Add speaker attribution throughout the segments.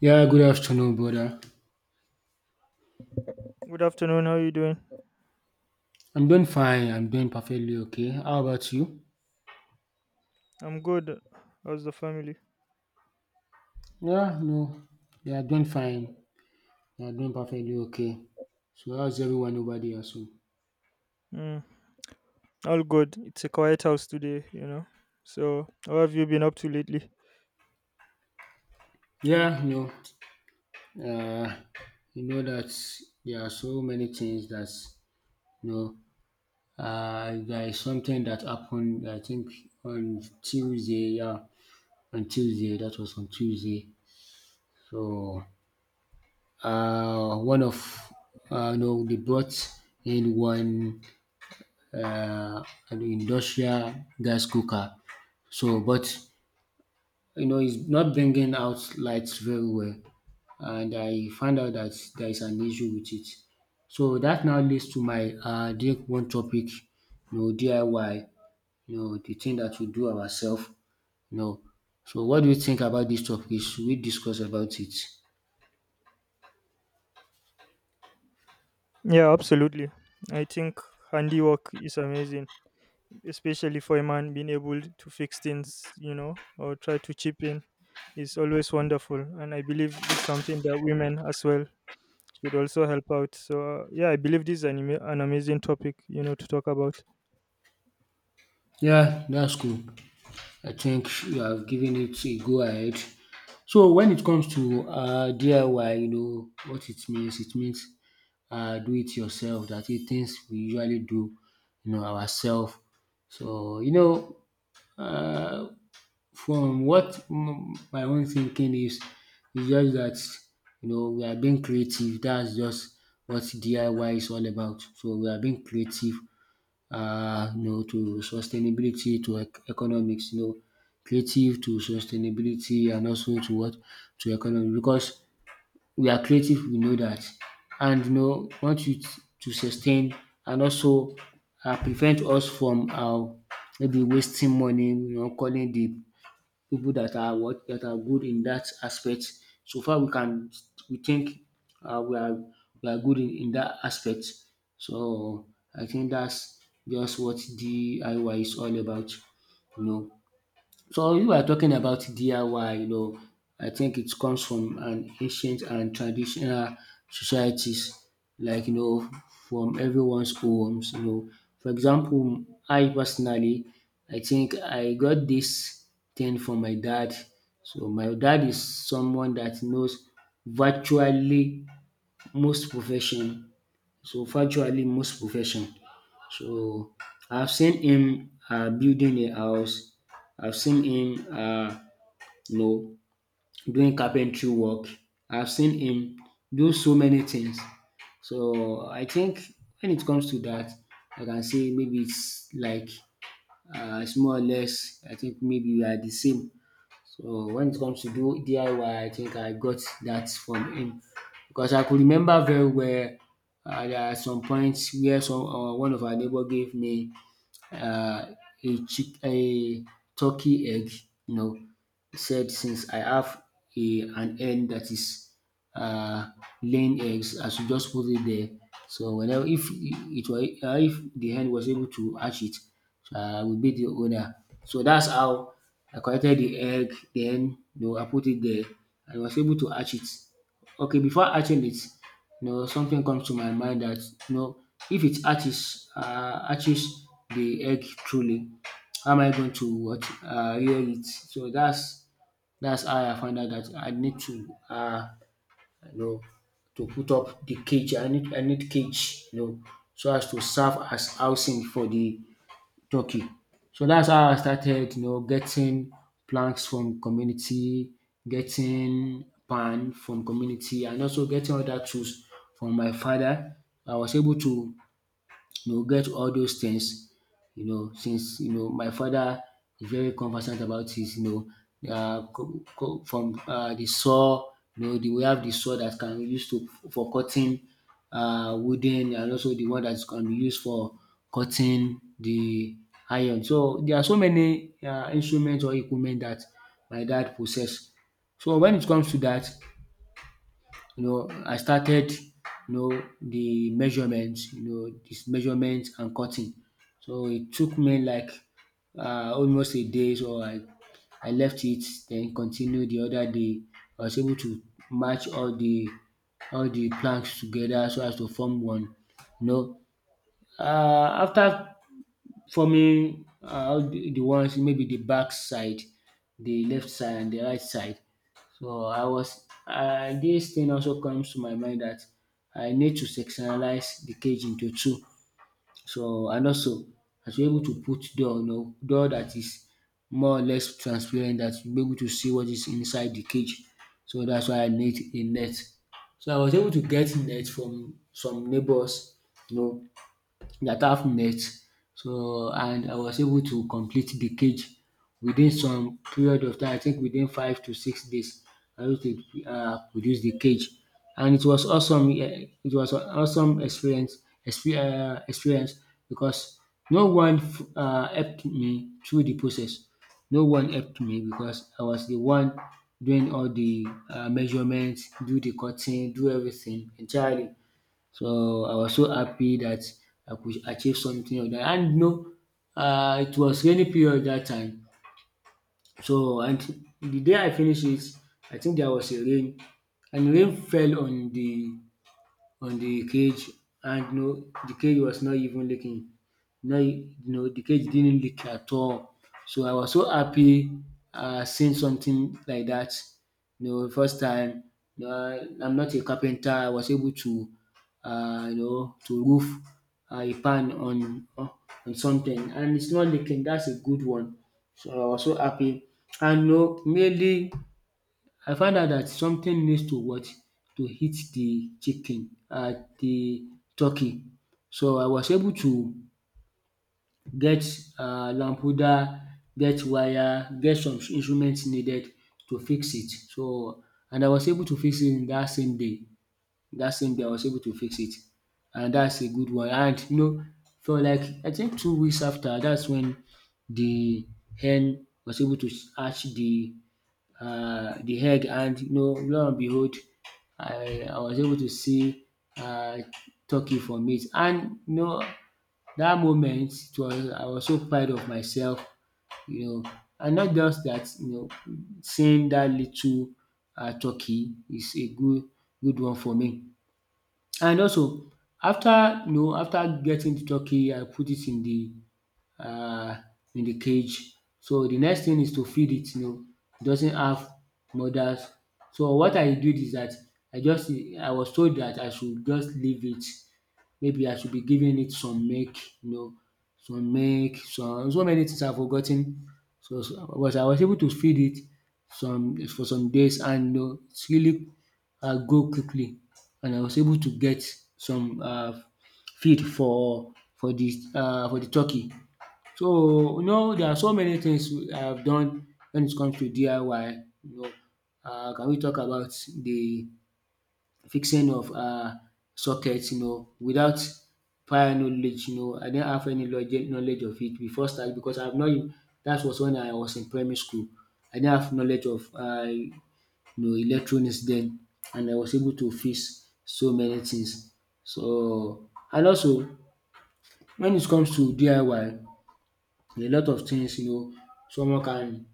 Speaker 1: Yeah, good afternoon, brother.
Speaker 2: Good afternoon. How are you doing?
Speaker 1: I'm doing fine. I'm doing perfectly okay. How about you?
Speaker 2: I'm good. How's the family?
Speaker 1: Yeah, no, yeah, doing fine. Yeah, doing perfectly okay. So how's everyone over there? So
Speaker 2: Mm, all good. It's a quiet house today, you know. So, how have you been up to lately?
Speaker 1: yeah, no, uh, you know that there are so many things that you know. There is something that happened. I think on Tuesday. Yeah, on Tuesday. That was on Tuesday. So one of no, they brought in one uh, an industrial gas cooker. So, but you know, it's not bringing out lights very well, and I found out that there is an issue with it. So that now leads to my deep one topic, you know, DIY, you know, the thing that we do ourselves, you know. So, what do you think about this topic? Should we discuss about it?
Speaker 2: Yeah, absolutely. I think handiwork is amazing, especially for a man being able to fix things, you know, or try to chip in. Is always wonderful, and I believe it is something that women as well it would also help out. So yeah, I believe this is an amazing topic, you know, to talk about.
Speaker 1: Yeah, that's cool. I think you have given it a go ahead. So when it comes to DIY, you know what it means. It means do it yourself. That is things we usually do, you know, ourselves. So you know, uh, from what my own thinking is, it's just that you know we are being creative. That's just what DIY is all about. So we are being creative, you know, to sustainability, to economics, you know, creative to sustainability and also to what, to economy, because we are creative, we know that, and you know, want you to sustain and also prevent us from maybe wasting money, you know, calling the people that are what, that are good in that aspect. So far, we can, we think we are, we are good in that aspect. So I think that's just what DIY is all about. You know, so you are talking about DIY, you know, I think it comes from an ancient and traditional societies, like you know, from everyone's homes. You know, for example, I personally, I think I got this thing from my dad. So my dad is someone that knows virtually most profession. So virtually most profession. So I've seen him building a house. I've seen him, you know, doing carpentry work. I've seen him do so many things. So I think when it comes to that, I can say maybe it's like, it's more or less. I think maybe we are the same. So when it comes to do DIY, I Y, I think I got that from him because I could remember very well. There are some points where some one of our neighbor gave me uh, a turkey egg. You know, said since I have a an hen that is uh, laying eggs, I should just put it there. So whenever, if it were if the hen was able to hatch it, will be the owner. So that's how I collected the egg. Then you know, I put it there. I was able to hatch it. Okay, before hatching it, you know, something comes to my mind that, you know, if it hatches, hatches the egg truly, how am I going to what, rear it? So that's how I found out that I need to, you know, to put up the cage. I need cage, you know, so as to serve as housing for the turkey. So that's how I started, you know, getting planks from community, getting pan from community, and also getting other tools from my father. I was able to, you know, get all those things, you know, since, you know, my father is very conversant about it, you know, from the saw, you know, the, we have the saw that can be used to, for cutting wooden and also the one that can be used for cutting the iron. So there are so many instruments or equipment that my dad possess. So when it comes to that, you know, I started, you know, the measurements, you know, this measurements and cutting. So it took me like almost a day. So I left it, then continued the other day. I was able to match all the planks together so as to form one. You know, uh, after forming the ones maybe the back side, the left side and the right side. So I was, this thing also comes to my mind that I need to sectionalize the cage into two. So and also I should be able to put door, you know, door that is more or less transparent that you'll be able to see what is inside the cage. So that's why I need a net. So I was able to get net from some neighbors, you know, that have nets. So and I was able to complete the cage within some period of time, I think within 5 to 6 days I was able to produce the cage, and it was awesome. It was an awesome experience experience because no one f- helped me through the process. No one helped me because I was the one doing all the measurement, do the cutting, do everything entirely. So I was so happy that I could achieve something of that. And you know, it was rainy period that time. So and the day I finish it, I think there was a rain and rain fell on the cage, and no, the cage was not even leaking. No, you know the cage didn't leak at all. So I was so happy, seeing something like that. You know, first time. You know, I'm not a carpenter. I was able to, you know, to roof a pan on something, and it's not leaking. That's a good one. So I was so happy. And no, know, mainly I found out that something needs to what? To hit the chicken, the turkey. So I was able to get lampuda, get wire, get some instruments needed to fix it. So and I was able to fix it in that same day. That same day I was able to fix it, and that's a good one. And you know, for like I think 2 weeks after, that's when the hen was able to hatch the, the egg, and you know, lo and behold, I was able to see uh, turkey from it. And you know, that moment, it was I was so proud of myself, you know, and not just that, you know, seeing that little turkey is a good one for me. And also after, you know, after getting to turkey I put it um in the cage. So the next thing is to feed it, you know, it doesn't have mothers. So what I did is that I just I was told that I should just leave it. Maybe I should be giving it some milk, you know, some milk, some so many things I've forgotten. Ten. So but I was able to feed it some, for some days, and you know it really grow quickly, and I was able to get some feed for for the turkey. So, you know, there are so many things I have done when it comes to DIY. You know, can we talk about the fixing of sockets, you know, without prior knowledge. You know, I didn't have any knowledge of it before start, because I've not, that was when I was in primary school. I didn't have knowledge of, you know, electronics then, and I was able to fix so many things. So, and also when it comes to DIY, a lot of things, you know, someone can,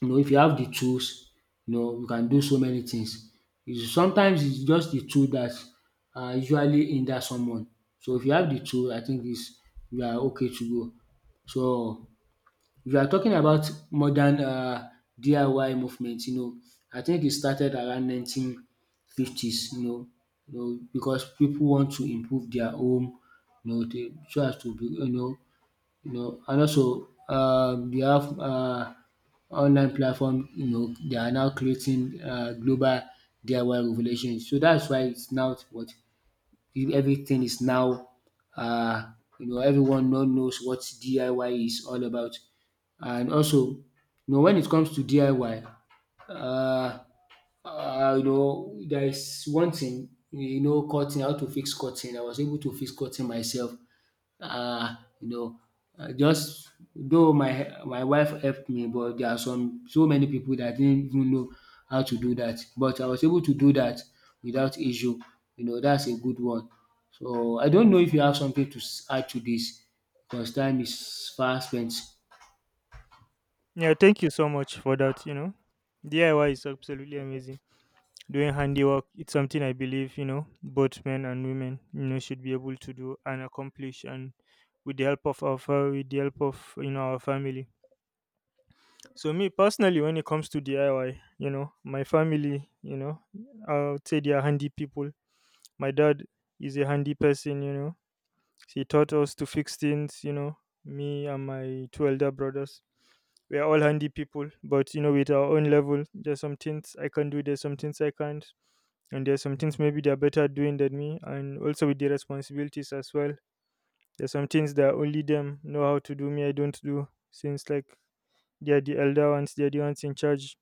Speaker 1: you know, if you have the tools, you know, you can do so many things. Is sometimes it's just the tool that usually hinder someone. So if you have the tool, I think is you are okay to go. So if you are talking about modern DIY movement, you know, I think it started around 1950s, you know, you know because people want to improve their home, you know, they, so as to be, you know, you know, and also they have online platform, you know, they are now creating global DIY revolution. So that's why it's now what, if everything is now, uh, you know, everyone now knows what DIY is all about. And also, you know, when it comes to DIY, uh, you know, there is one thing, you know, cutting, how to fix cutting. I was able to fix cutting myself, um you know just though my wife helped me, but there are some, so many people that didn't even know how to do that. But I was able to do that without issue. That's a good one. So I don't know if you have something to add to this. Because time is fast spent.
Speaker 2: Yeah, thank you so much for that. You know, DIY is absolutely amazing. Doing handiwork, it's something I believe, you know, both men and women, you know, should be able to do and accomplish, and with the help of our with the help of, you know, our family. So me personally, when it comes to DIY, you know, my family, you know, I would say they are handy people. My dad is a handy person, you know. He taught us to fix things, you know. Me and my two elder brothers, we are all handy people, but you know, with our own level, there's some things I can do, there's some things I can't, and there's some things maybe they're better at doing than me, and also with the responsibilities as well. There's some things that only them know how to do, me I don't do, since like they're the elder ones, they're the ones in charge,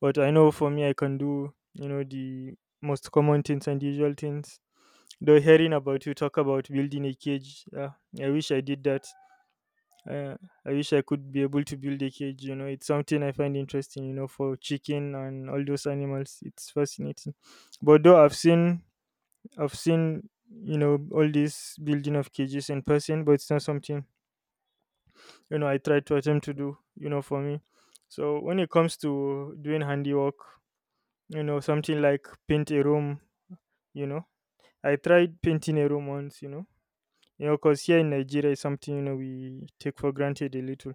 Speaker 2: but I know for me, I can do, you know, the most common things and the usual things. Though hearing about you talk about building a cage, yeah, I wish I did that. Uh, I wish I could be able to build a cage. You know, it's something I find interesting. You know, for chicken and all those animals, it's fascinating. But though I've seen, you know, all this building of cages in person, but it's not something, you know, I try to attempt to do. You know, for me. So when it comes to doing handiwork, you know, something like paint a room, you know. I tried painting a room once, you know, because here in Nigeria is something, you know, we take for granted a little.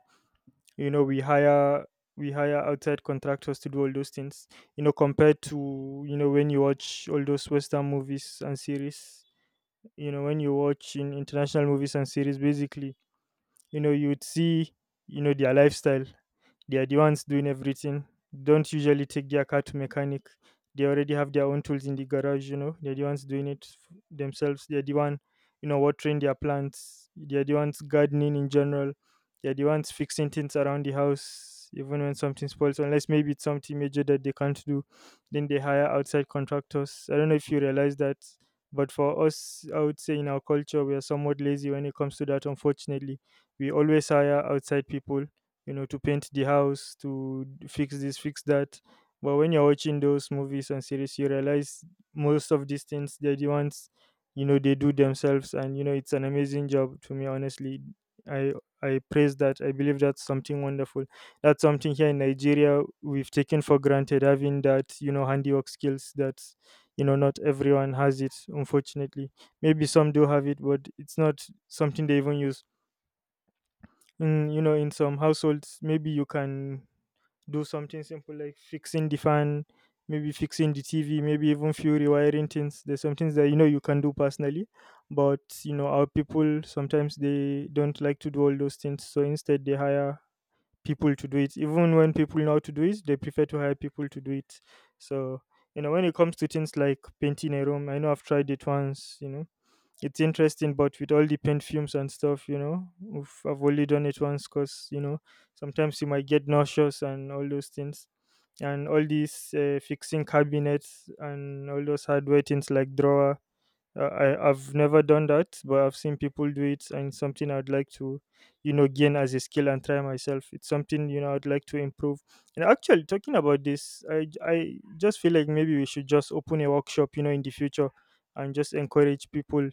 Speaker 2: You know, we hire outside contractors to do all those things. You know, compared to, you know, when you watch all those Western movies and series, you know, when you watch in international movies and series, basically, you know, you would see, you know, their lifestyle. They are the ones doing everything. Don't usually take their car to mechanic. They already have their own tools in the garage. You know, they're the ones doing it themselves. They're the one, you know, watering their plants. They're the ones gardening in general. They're the ones fixing things around the house, even when something spoils, unless maybe it's something major that they can't do, then they hire outside contractors. I don't know if you realize that, but for us, I would say in our culture, we are somewhat lazy when it comes to that, unfortunately. We always hire outside people, you know, to paint the house, to fix this, fix that. But when you're watching those movies and series, you realize most of these things, they're the ones, you know, they do themselves, and you know, it's an amazing job to me, honestly. I i praise that. I believe that's something wonderful. That's something here in Nigeria we've taken for granted, having that, you know, handiwork skills, that, you know, not everyone has it, unfortunately. Maybe some do have it, but it's not something they even use in, you know, in some households. Maybe you can do something simple like fixing the fan, maybe fixing the TV, maybe even few rewiring things. There's some things that, you know, you can do personally, but you know, our people sometimes they don't like to do all those things, so instead they hire people to do it. Even when people know how to do it, they prefer to hire people to do it. So, you know, when it comes to things like painting a room, I know I've tried it once, you know, it's interesting, but with all the paint fumes and stuff, you know, oof, I've only done it once because, you know, sometimes you might get nauseous and all those things. And all these fixing cabinets and all those hardware things like drawer, I've never done that, but I've seen people do it, and something I'd like to, you know, gain as a skill and try myself. It's something, you know, I'd like to improve. And actually, talking about this, I just feel like maybe we should just open a workshop, you know, in the future, and just encourage people,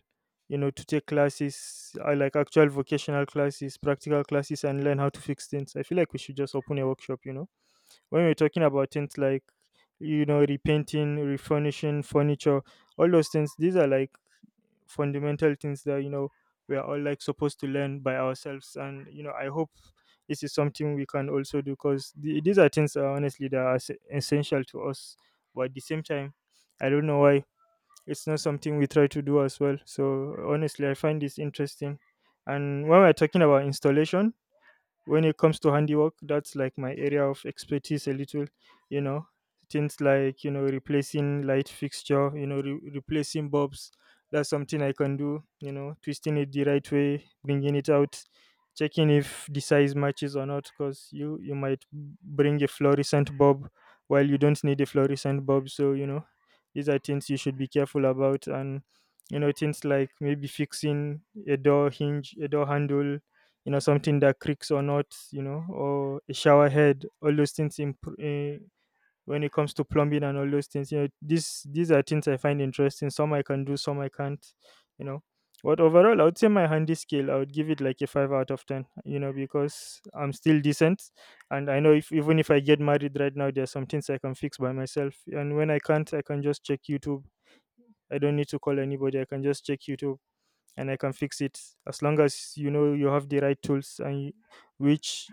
Speaker 2: you know, to take classes, like actual vocational classes, practical classes, and learn how to fix things. I feel like we should just open a workshop, you know, when we're talking about things like, you know, repainting, refurnishing furniture, all those things. These are like fundamental things that, you know, we are all like supposed to learn by ourselves, and you know, I hope this is something we can also do, because the, these are things, honestly, that are essential to us. But at the same time, I don't know why it's not something we try to do as well. So honestly, I find this interesting. And when we're talking about installation, when it comes to handiwork, that's like my area of expertise a little, you know, things like, you know, replacing light fixture, you know, replacing bulbs. That's something I can do, you know, twisting it the right way, bringing it out, checking if the size matches or not, because you might bring a fluorescent bulb while you don't need a fluorescent bulb. So, you know, these are things you should be careful about. And you know things like maybe fixing a door hinge, a door handle, you know, something that creaks or not, you know, or a shower head, all those things in when it comes to plumbing and all those things, you know, these are things I find interesting. Some I can do, some I can't, you know. But overall, I would say my handy skill, I would give it like a 5 out of 10, you know, because I'm still decent. And I know, if even if I get married right now, there are some things I can fix by myself, and when I can't, I can just check YouTube. I don't need to call anybody, I can just check YouTube and I can fix it. As long as, you know, you have the right tools, and which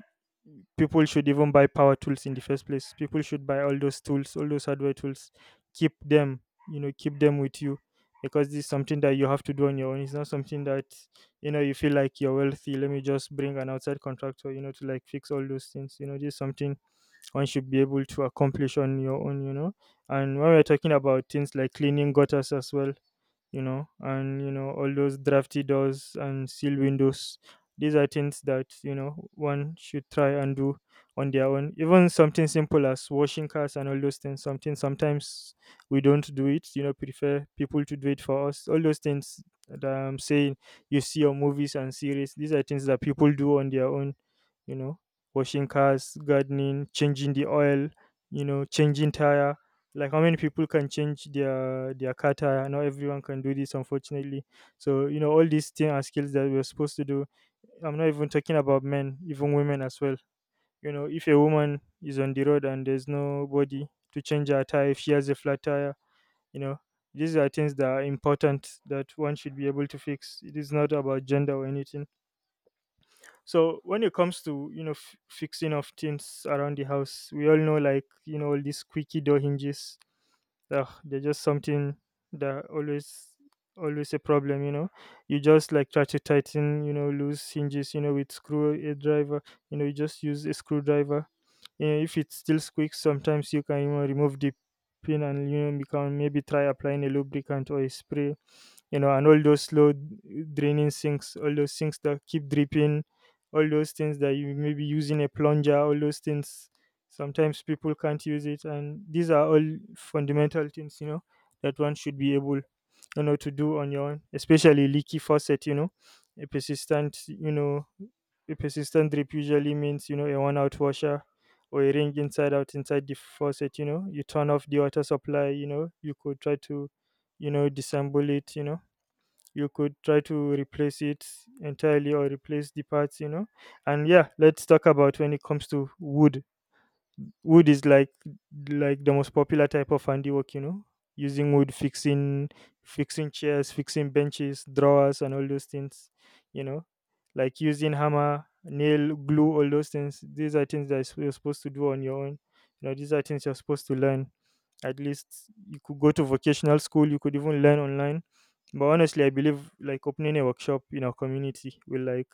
Speaker 2: people should even buy power tools in the first place. People should buy all those tools, all those hardware tools. Keep them, you know, keep them with you, because this is something that you have to do on your own. It's not something that, you know, you feel like you're wealthy. Let me just bring an outside contractor, you know, to like fix all those things. You know, this is something one should be able to accomplish on your own. You know, and when we're talking about things like cleaning gutters as well, you know, and you know, all those drafty doors and sealed windows. These are things that, you know, one should try and do on their own. Even something simple as washing cars and all those things. Something sometimes we don't do it. You know, prefer people to do it for us. All those things that I'm saying you see on movies and series. These are things that people do on their own. You know, washing cars, gardening, changing the oil. Changing tire. Like, how many people can change their car tire? Not everyone can do this, unfortunately. So all these things are skills that we're supposed to do. I'm not even talking about men, even women as well. If a woman is on the road and there's nobody to change her tire, if she has a flat tire you know these are things that are important, that one should be able to fix. It is not about gender or anything. So when it comes to, fixing of things around the house, we all know, like, all these squeaky door hinges. Ugh, they're just something that always a problem. You just, like, try to tighten, loose hinges, with screw a driver. You just use a screwdriver. If it still squeaks, sometimes you can, remove the pin, and become, maybe, try applying a lubricant or a spray. And all those slow draining sinks, all those sinks that keep dripping, all those things that you may be using a plunger, all those things. Sometimes people can't use it, and these are all fundamental things, that one should be able, to do on your own, especially leaky faucet, a a persistent drip usually means, a one out washer or a ring inside out inside the faucet. You turn off the water supply, you could try to, disassemble it, you could try to replace it entirely, or replace the parts. And yeah, let's talk about when it comes to wood. Wood is like the most popular type of handiwork. Using wood, fixing chairs, fixing benches, drawers, and all those things you know like, using hammer, nail, glue, all those things. These are things that you're supposed to do on your own. These are things you're supposed to learn. At least you could go to vocational school, you could even learn online. But honestly, I believe, like, opening a workshop in our community will like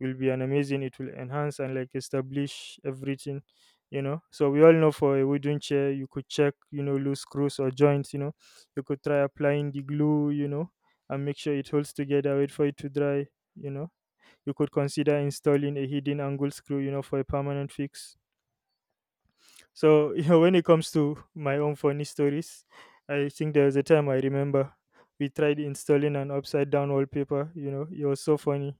Speaker 2: will be an amazing. It will enhance and, like, establish everything, So, we all know, for a wooden chair, you could check, loose screws or joints. You could try applying the glue, and make sure it holds together. Wait for it to dry. You know, you could consider installing a hidden angle screw, for a permanent fix. So, when it comes to my own funny stories, I think there was a time. I remember we tried installing an upside down wallpaper. It was so funny.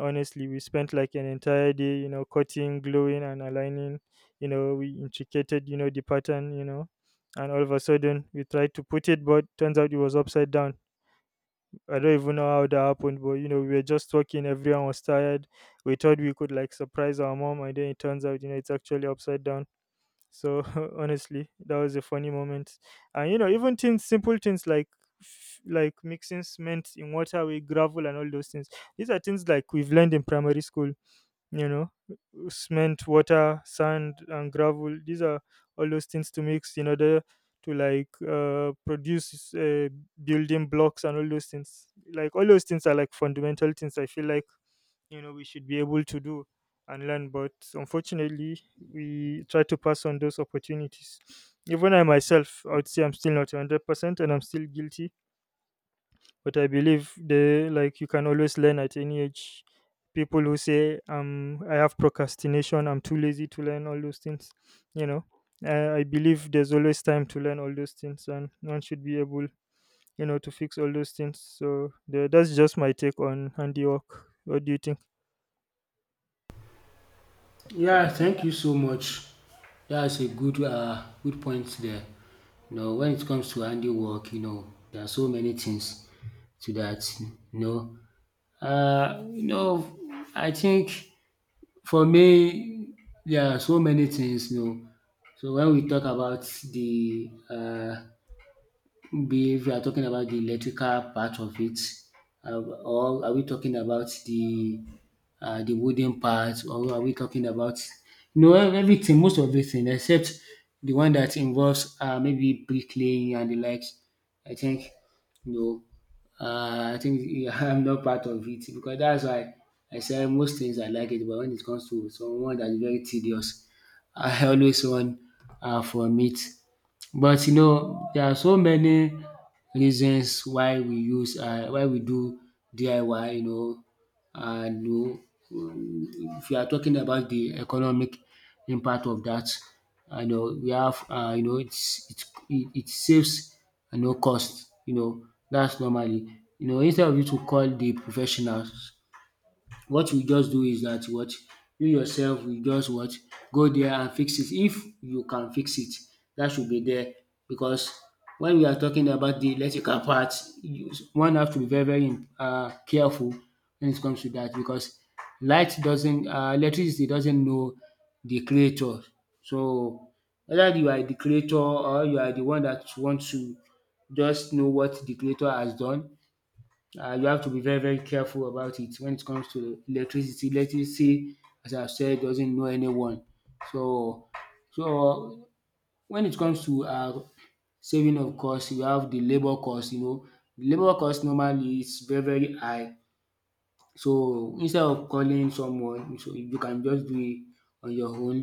Speaker 2: Honestly, we spent like an entire day, cutting, gluing, and aligning. We intricated, the pattern, and all of a sudden we tried to put it, but turns out it was upside down. I don't even know how that happened, but we were just talking. Everyone was tired. We thought we could, like, surprise our mom, and then it turns out, it's actually upside down. So, honestly, that was a funny moment. And even things, simple things, like like, mixing cement in water with gravel, and all those things. These are things, like, we've learned in primary school you know Cement, water, sand, and gravel — these are all those things to mix in order to, like, produce, building blocks and all those things. Like, all those things are like fundamental things. I feel, like, we should be able to do and learn. But unfortunately, we try to pass on those opportunities. Even I myself, I would say, I'm still not 100% and I'm still guilty. But I believe, they, like, you can always learn at any age. People who say, I have procrastination, I'm too lazy to learn all those things, you know. I believe there's always time to learn all those things, and one should be able, to fix all those things. So that's just my take on handiwork. What do you think?
Speaker 1: Yeah, thank you so much. That's a good point there. When it comes to handiwork, there are so many things to that. Uh, you know I think, for me, there are so many things. So when we talk about the. Be, if you are talking about the electrical part of it, or are we talking about the wooden part, or are we talking about, everything, most of everything except the one that involves, maybe bricklaying and the likes. I think you know. I think I'm not part of it, because that's why I say most things I like it. But when it comes to someone that's very tedious, I always run, from it. But, there are so many reasons why we do DIY. And, if you are talking about the economic impact of that, I know we have, it's it saves you no cost, that's normally. Instead of you to call the professionals, what we just do is that, what, you yourself will just, what, go there and fix it. If you can fix it, that should be there, because when we are talking about the electrical part, one have to be very, very, careful when it comes to that, because light doesn't electricity doesn't know the creator. So whether you are the creator, or you are the one that want to just know what the creator has done, you have to be very, very careful about it when it comes to electricity. Electricity, as I've said, doesn't know anyone. So, so, when it comes to, saving of cost, you have the labor cost. The labor cost normally is very, very high. So instead of calling someone, so you can just do it on your own.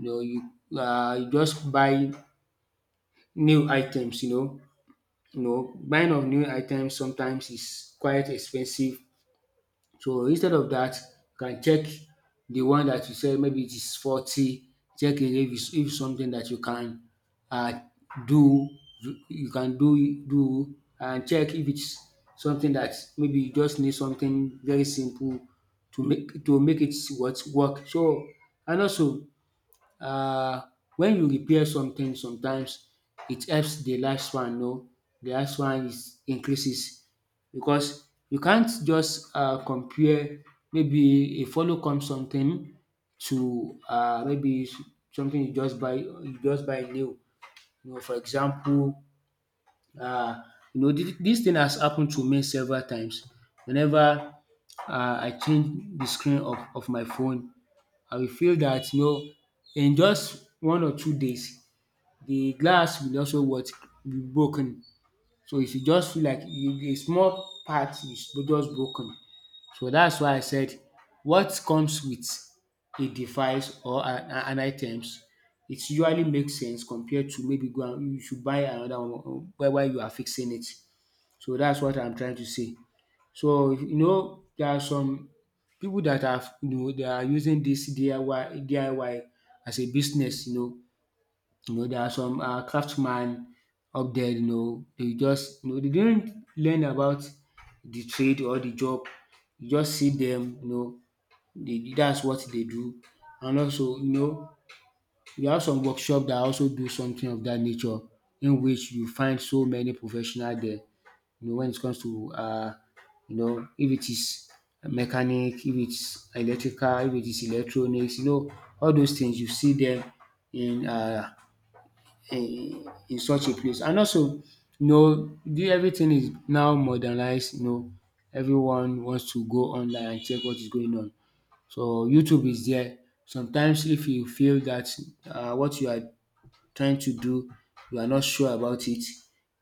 Speaker 1: You just buy new items. Buying of new items sometimes is quite expensive. So instead of that, you can check the one that you said, maybe it is 40. Check it, if it's, if something that you can, uh, do, you can do, and check if it's something that maybe you just need something very simple to make it, what, work. So, and also, um when you repair something, sometimes it helps the lifespan. The lifespan is increases, because you can't just, compare maybe a follow come something to, maybe something you just buy new. For example, um this dis thing has happened to me several times. Whenever, I change the screen of my phone, I will feel that, in just 1 or 2 days, the glass will also, what? Be broken. So if you just feel like a small part is just broken. So that's why I said, what comes with a device or an items, it usually makes sense, compared to maybe go and you should buy another one while you are fixing it. So that's what I'm trying to say. So, there are some pipu dat are, dat are using dis DIY as a business. There are some, craftsman up there. Dey just, dey didn't learn about the trade or the job. You just see dem. Dey, that's what dey do, and also, we have some workshop that also do something of that nature, in which you find so many professional there. When it comes to, if it is mechanic, if it's electrical, if it is electronics, all those things you see them in uh in such a place. And also, the, everything is now modernized. Everyone wants to go online and check what is going on. So YouTube is there. Sometimes if you feel that, what you are trying to do, you are not sure about it,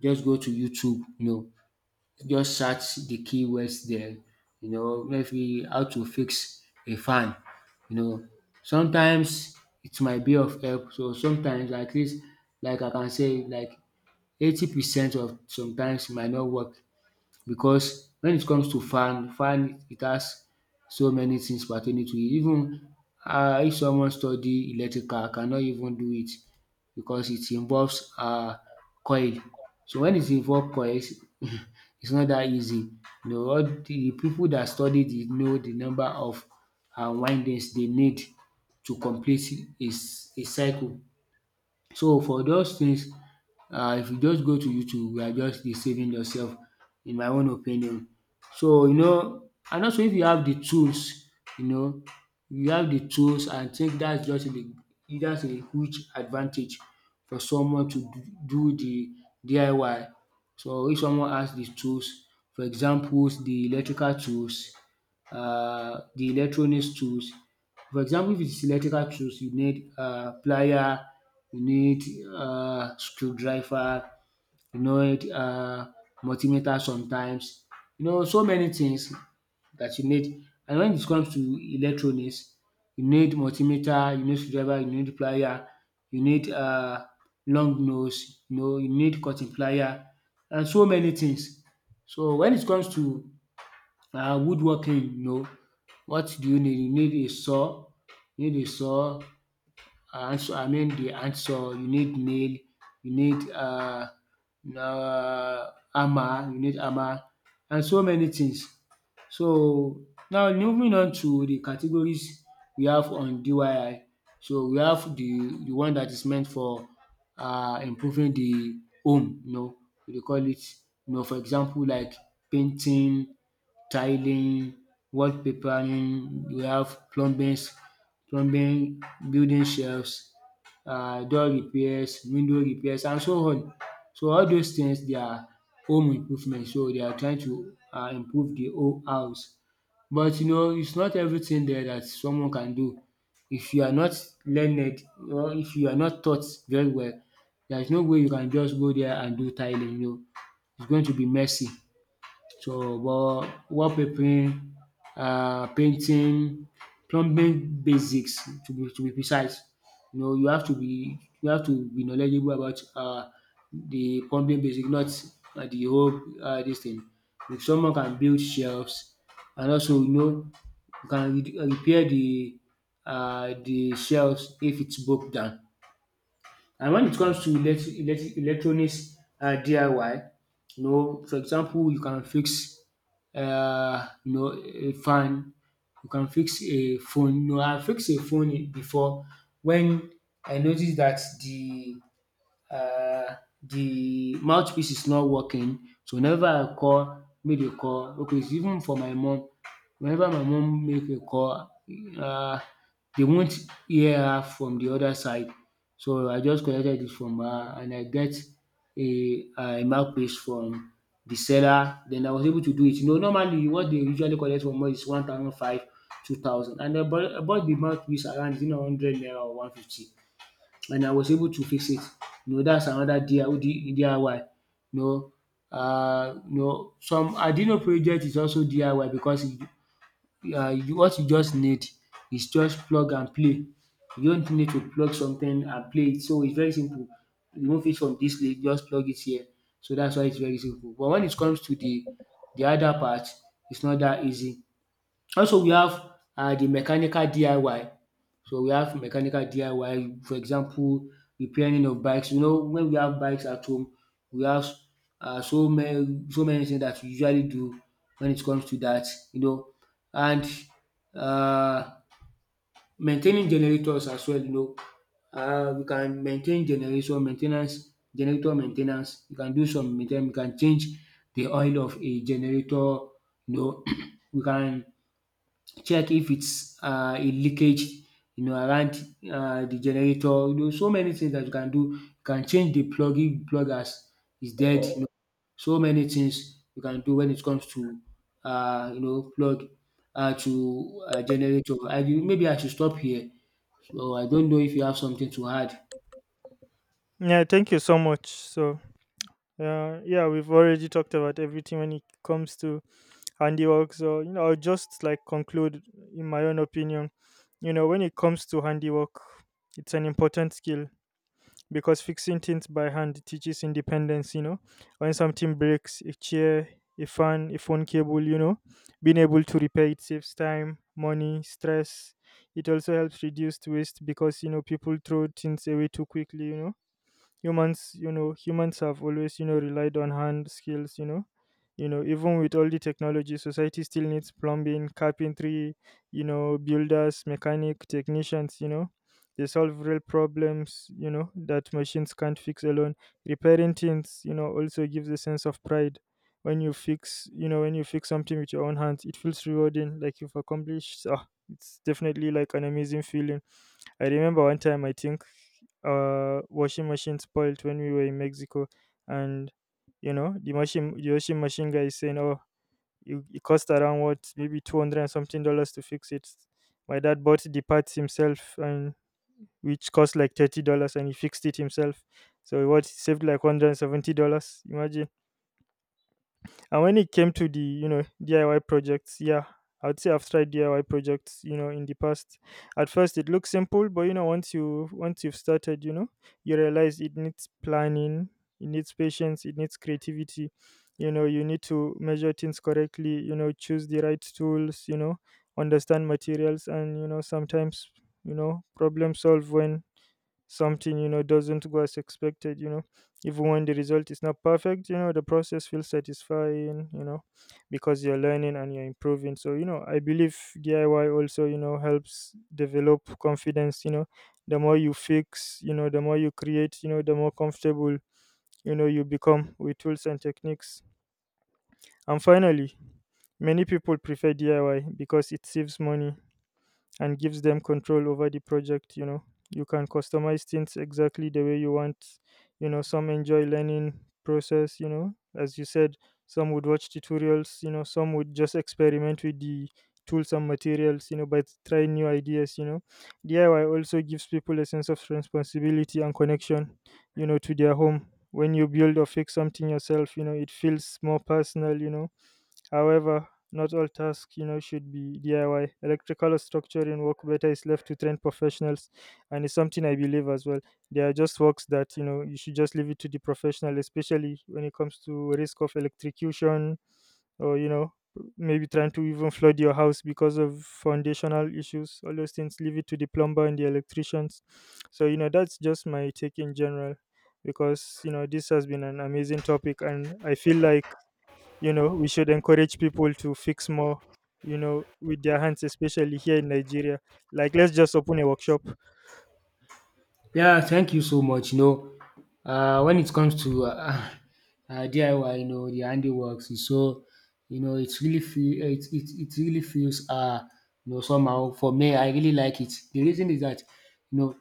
Speaker 1: just go to YouTube, just search the keywords there, maybe how to fix a fan, you know. Sometimes it might be of help. So sometimes, at least, like I can say, like 80% of sometimes, it might not work, because when it comes to fan, it has so many things pertaining to it. Even, if someone study electrical cannot even do it, because it involves, coil. So when it involves coils, it's not that easy. All the people that study it know the number of, windings they need to complete a cycle. So for those things, if you just go to YouTube, you are just deceiving yourself, in my own opinion. So, and also, if you have the tools. you know you have the tools, I think that's just the that's a huge advantage for someone to do the DIY. So if someone has the tools, for examples the electrical tools, the electronics tools. For example, if it's electrical tools, you need, plier, you need, screwdriver, you need, multimeter sometimes, so many things that you need. And when it comes to electronics, you need multimeter, you need screwdriver, you need plier, you need, long nose, you need cutting plier, and so many things. So when it comes to, woodworking, what do you need? You need a saw, hand saw, I mean the hand saw. You need nail, you need, hammer, and so many things. So now moving on to the categories we have on DIY. So we have the one that is meant for, improving the home. We dey call it, for example, like painting, tiling, wallpapering, you have plumbing, building shelves, door repairs, window repairs, and so on. So all those things, they are home improvement. So they are trying to, improve the whole house. But, it's not everything there that someone can do. If you are not learned, or if you are not taught very well, there's no way you can just go there and do tiling. It's going to be messy. So, but wallpapering, painting, plumbing basics, to be precise. You have to be knowledgeable about, the plumbing basic, not, the whole, this thing. If someone can build shelves, and also, you can repair the shelves if it's broke down. And when it comes to electronics, DIY, for example, you can fix, a fan, you can fix a phone. I fixed a phone before, when I noticed that the um de mouthpiece is not working, so whenever I call make a call, okay, it's even for my mom. Whenever my mom make a call, um dey won't hear her from the other side, so I just collected it from her, and I get a, mouthpiece from the seller. Then I was able to do it. Normally, what they usually collect from us is one thousand five, 2,000, and I bought the mouthpiece around, 100 naira, or 150, and I was able to fix it. That's another DIY. You know, some Arduino project is also DIY, because, what you just need is just plug and play. You just need to plug something and play it, so it's very simple. Remove it from this place, just plug it here. So that's why it's very simple. But when it comes to the other part, it's not that easy. Also we have, the mechanical DIY. So we have mechanical DIY, for example repairing of bikes. When we have bikes at home, we have, so many things that we usually do when it comes to that. you know. And, uh maintaining generators as well. We can maintain generation maintenance generator maintenance. ten. We can do some main We can change the oil of a generator you know. We can check if it's, a leakage, around, the generator. So many things that you can do. You can change the plug if the plug has is dead. So many things you can do when it comes to, plug, to, generator. I should stop here, so I don't know if you have something to add.
Speaker 2: Yeah, thank you so much. So, yeah, yeah, we've already talked about everything when it comes to handiwork. So, I'll just, like, conclude in my own opinion. When it comes to handiwork, it's an important skill, because fixing things by hand teaches independence. When something breaks, a chair, a fan, a phone cable, being able to repair it saves time, money, stress. It also helps reduce waste, because, people throw things away too quickly. Humans, humans, have always relied on hand skills. Even with all the technology, society still needs plumbing, carpentry, builders, mechanic, technicians. They solve real problems that machines can't fix alone. Repairing things, also gives a sense of pride. When you fix, something with your own hands, it feels rewarding, like you've accomplished. Ah, it's definitely like an amazing feeling. I remember one time, I think, washing machine spoiled when we were in Mexico. And the washing machine guy is saying, oh, you, it cost around, what, maybe 200 and something dollars to fix it. My dad bought the parts himself, and which cost like $30, and he fixed it himself. So, what, he saved like $170. Imagine. And when it came to the, DIY projects, yeah, I'd say I've tried DIY projects, in the past. At first it looks simple, but once you've started, you realize it needs planning, it needs patience, it needs creativity. You need to measure things correctly, choose the right tools, understand materials, and sometimes, problem solve when something, doesn't go as expected. Even when the result is not perfect, the process feels satisfying, because you're learning and you're improving. So, I believe DIY also, helps develop confidence. The more you fix, the more you create, the more comfortable you become with tools and techniques. And finally, many people prefer DIY because it saves money and gives them control over the project. You can customize things exactly the way you want. Some enjoy learning process, as you said. Some would watch tutorials, some would just experiment with the tools and materials, by trying new ideas. DIY also gives people a sense of responsibility and connection, to their home. When you build or fix something yourself, it feels more personal. However, not all tasks, should be DIY. Electrical or structuring work better is left to trained professionals, and it's something I believe as well. There are just works that, you should just leave it to the professional, especially when it comes to risk of electrocution, or maybe trying to even flood your house because of foundational issues. All those things, leave it to the plumber and the electricians. So that's just my take in general, because this has been an amazing topic, and I feel like we should encourage people to fix more, with their hands, especially here in Nigeria. Like, let's just open a workshop.
Speaker 1: Yeah, thank you so much. When it comes to, DIY, the handiworks, is so, it's really feel it really feels, somehow, for me. I really like it. The reason is that, you know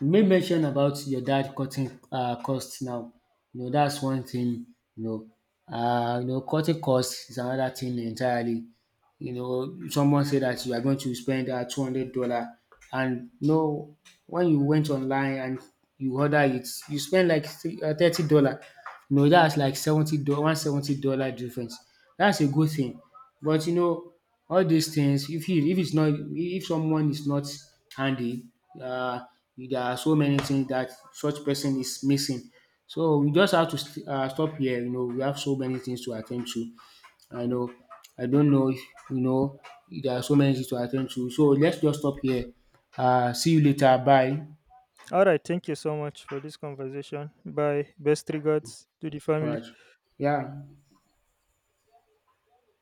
Speaker 1: you may mention about your dad cutting, costs now. That's one thing you know, cutting costs is another thing entirely. Someone said that you are going to spend, 200 dollar, and, when you went online and you order it, you spend like 30 dollar. Dat's like 70 dollar, 170 dollar difference. That's a good thing, but, all these things, if he, if it's not, if someone is not handy, uh, there are so many things that such person is missing. So we just have to stop here. We have so many things to attend to. I know, I don't know if, you know there are so many things to attend to, so let's just stop here. See you later, bye.
Speaker 2: All right. Thank you so much for this conversation. Bye. Best regards to the
Speaker 1: All
Speaker 2: family.
Speaker 1: right. Yeah.